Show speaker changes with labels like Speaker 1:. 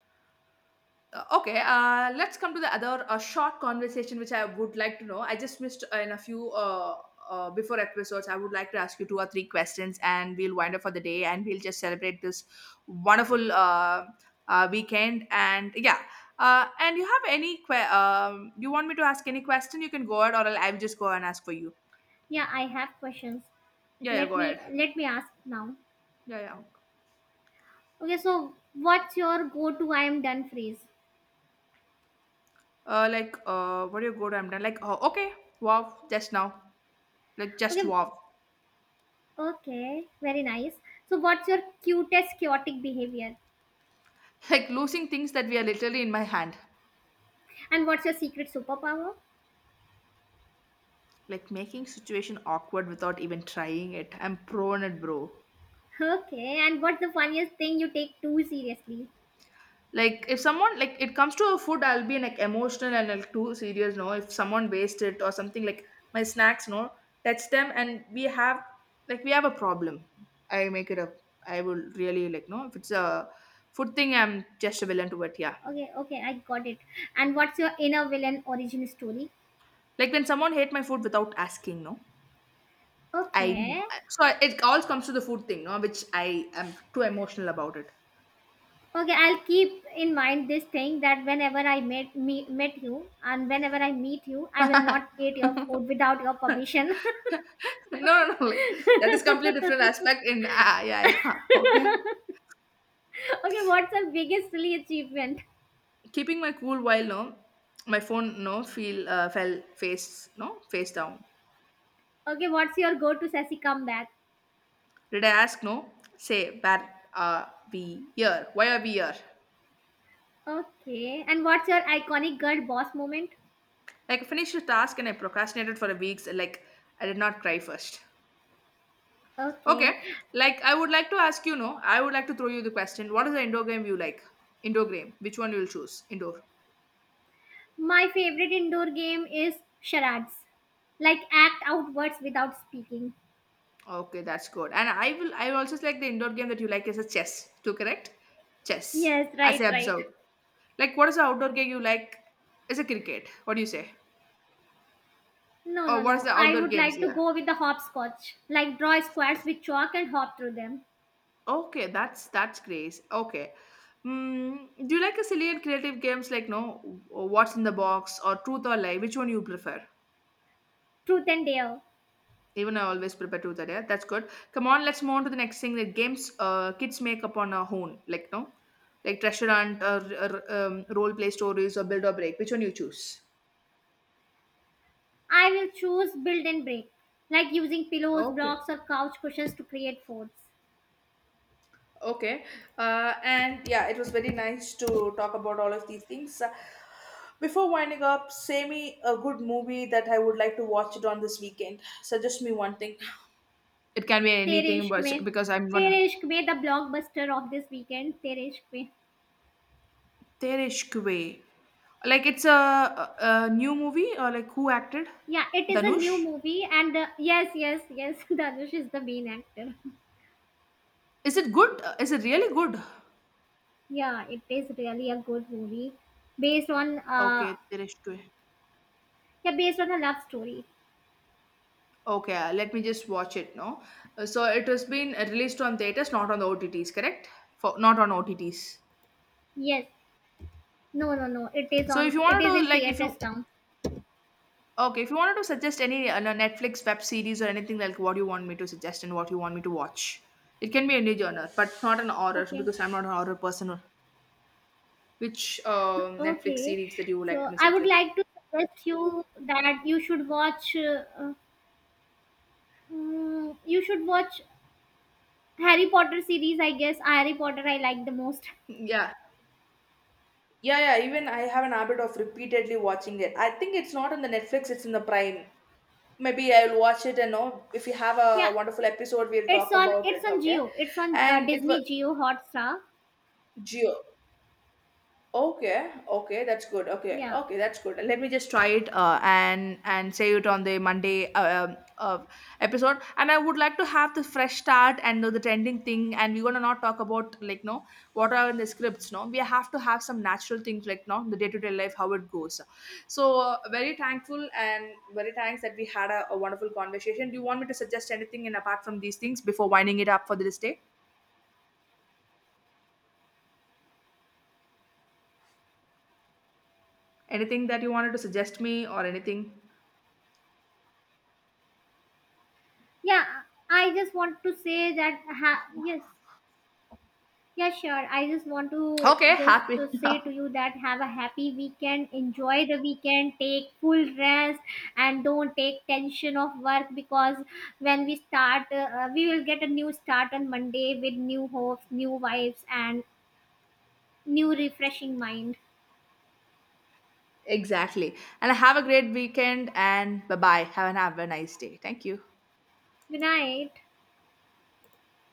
Speaker 1: Okay, let's come to the other short conversation which I would like to know. I just missed in a few before episodes. I would like to ask you two or three questions, and we'll wind up for the day, and we'll just celebrate this wonderful weekend. And yeah, and you have any? You want me to ask any question? You can go ahead, or I'll just go and ask for you.
Speaker 2: Yeah, I have questions.
Speaker 1: Yeah, yeah,
Speaker 2: Let
Speaker 1: go ahead.
Speaker 2: me let me ask now.
Speaker 1: Yeah, yeah.
Speaker 2: Okay, so what's your go-to I am done phrase?
Speaker 1: Like, what do you go to? I'm done. Like, oh, okay, wow, just now, like, just
Speaker 2: Okay,
Speaker 1: wow.
Speaker 2: okay, very nice. So what's your cutest chaotic behavior?
Speaker 1: Like losing things that we are literally in my hand.
Speaker 2: And what's your secret superpower?
Speaker 1: Like making situation awkward without even trying it, I'm prone at, bro.
Speaker 2: Okay, and what's the funniest thing you take too seriously?
Speaker 1: Like if someone, like it comes to a food, I'll be like emotional and like too serious, no? If someone waste it or something, like my snacks, no, touch them and we have, like we have a problem. I make it up, I will really like, no, if it's a food thing, I'm just willing to it, yeah.
Speaker 2: Okay, okay, I got it. And what's your inner villain origin story?
Speaker 1: Like when someone hate my food without asking, no. I,
Speaker 2: Okay.
Speaker 1: so it all comes to the food thing, no, which I am too emotional about it.
Speaker 2: Okay, I'll keep in mind this thing that whenever I met me, met you and whenever I meet you, I will not eat your food without your permission.
Speaker 1: No, no, no. Like that is completely different
Speaker 2: Okay,
Speaker 1: aspect. In ah, yeah, yeah. Okay.
Speaker 2: what's your biggest silly achievement?
Speaker 1: Keeping my cool while, no, my phone, no, feel fell face, no, face down.
Speaker 2: Okay, what's your go to sassy comeback?
Speaker 1: Did I ask, no? Say where are we here? Why are we here?
Speaker 2: Okay, and what's your iconic girl boss moment?
Speaker 1: Like I finished the task and I procrastinated for a week. So, like I did not cry first. Okay.
Speaker 2: Okay,
Speaker 1: Like I would like to ask you, no. I would like to throw you the question. What is the indoor game you like? Indoor game. Which one you will choose? Indoor.
Speaker 2: my favorite indoor game is charades, like act out words without speaking.
Speaker 1: Okay, that's good. And I will also select the indoor game that you like is a chess. To correct? Chess.
Speaker 2: Yes,
Speaker 1: As I
Speaker 2: right, right.
Speaker 1: observed. Like what is the outdoor game you like? Is a cricket. What do you say?
Speaker 2: No,
Speaker 1: Or
Speaker 2: no,
Speaker 1: what is
Speaker 2: no.
Speaker 1: the
Speaker 2: I
Speaker 1: outdoor
Speaker 2: would
Speaker 1: games?
Speaker 2: like to
Speaker 1: Yeah.
Speaker 2: go with the hopscotch, like draw squares with chalk and hop through them.
Speaker 1: Okay, that's great. Okay. Mm, do you like a silly and creative games like, no, what's in the box or truth or lie? Which one you prefer?
Speaker 2: Truth and dare.
Speaker 1: Even I always prepare to that. Yeah, that's good. Come on, let's move on to the next thing. The games kids make up on our own, like, no, like treasure hunt, or, or role play stories, or build or break. Which one you choose?
Speaker 2: I will choose build and break, like using pillows,
Speaker 1: Okay.
Speaker 2: blocks, or couch cushions to create forts.
Speaker 1: Okay. And yeah, it was very nice to talk about all of these things. Before winding up, say me a good movie that I would like to watch it on this weekend. Suggest me one thing. It can be
Speaker 2: तेरे
Speaker 1: anything,
Speaker 2: इश्क
Speaker 1: but
Speaker 2: में,
Speaker 1: because I'm gonna.
Speaker 2: तेरे इश्क में, the blockbuster of this weekend, तेरे इश्क में.
Speaker 1: There ishq Way. Like it's a new movie or like who acted?
Speaker 2: Yeah, it is a new
Speaker 1: Danush?
Speaker 2: movie and yes, yes, yes. Dhanush is the main actor.
Speaker 1: Is it good? Is it really good?
Speaker 2: Yeah, it is really a good movie based on
Speaker 1: Okay, there is Way.
Speaker 2: yeah, based on a love story.
Speaker 1: Okay, let me just watch it now. So it has been released on theaters, not on the OTTs, correct? For not on OTTs.
Speaker 2: Yes, no, no, no, it is
Speaker 1: So
Speaker 2: on,
Speaker 1: if you
Speaker 2: it
Speaker 1: wanted
Speaker 2: is in
Speaker 1: to, like, if
Speaker 2: theaters
Speaker 1: you,
Speaker 2: now.
Speaker 1: okay, if you wanted to suggest any no, Netflix web series or anything, like what do you want me to suggest and what you want me to watch. It can be any genre, but not an horror
Speaker 2: Okay,
Speaker 1: because I'm not an horror person. Which Netflix
Speaker 2: okay,
Speaker 1: series that you would like
Speaker 2: so
Speaker 1: to
Speaker 2: I
Speaker 1: message?
Speaker 2: would like to suggest you that you should watch uh, you should watch Harry Potter series, I guess. Harry Potter I like the most.
Speaker 1: Yeah. Yeah, yeah. Even I have an habit of repeatedly watching it. I think it's not on the Netflix, it's in the Prime. Maybe I'll watch it and know if we have a
Speaker 2: Yeah,
Speaker 1: wonderful episode, we'll
Speaker 2: it's
Speaker 1: talk
Speaker 2: on,
Speaker 1: about it,
Speaker 2: it's on
Speaker 1: okay?
Speaker 2: Geo. It's on
Speaker 1: And it was
Speaker 2: Disney Geo Hotstar.
Speaker 1: Geo. Okay, okay, that's good. Okay,
Speaker 2: Yeah.
Speaker 1: okay, that's good. Let me just try it and save it on the Monday episode. And I would like to have the fresh start and know the trending thing. And we're gonna not talk about like, no, what are in the scripts. No, we have to have some natural things like, no, the day to day life how it goes. So very thankful and very thanks that we had a wonderful conversation. Do you want me to suggest anything in apart from these things before winding it up for this day? Anything that you wanted to suggest me or anything?
Speaker 2: Yeah, I just want to say that yes. Yeah, sure. I just want to
Speaker 1: Okay,
Speaker 2: just
Speaker 1: happy.
Speaker 2: to say to you that have a happy weekend, enjoy the weekend, take full rest and don't take tension of work because when we start we will get a new start on Monday with new hopes, new vibes and new refreshing mind.
Speaker 1: Exactly. And have a great weekend and bye bye. Have, an, have a nice day. Thank you.
Speaker 2: Good night.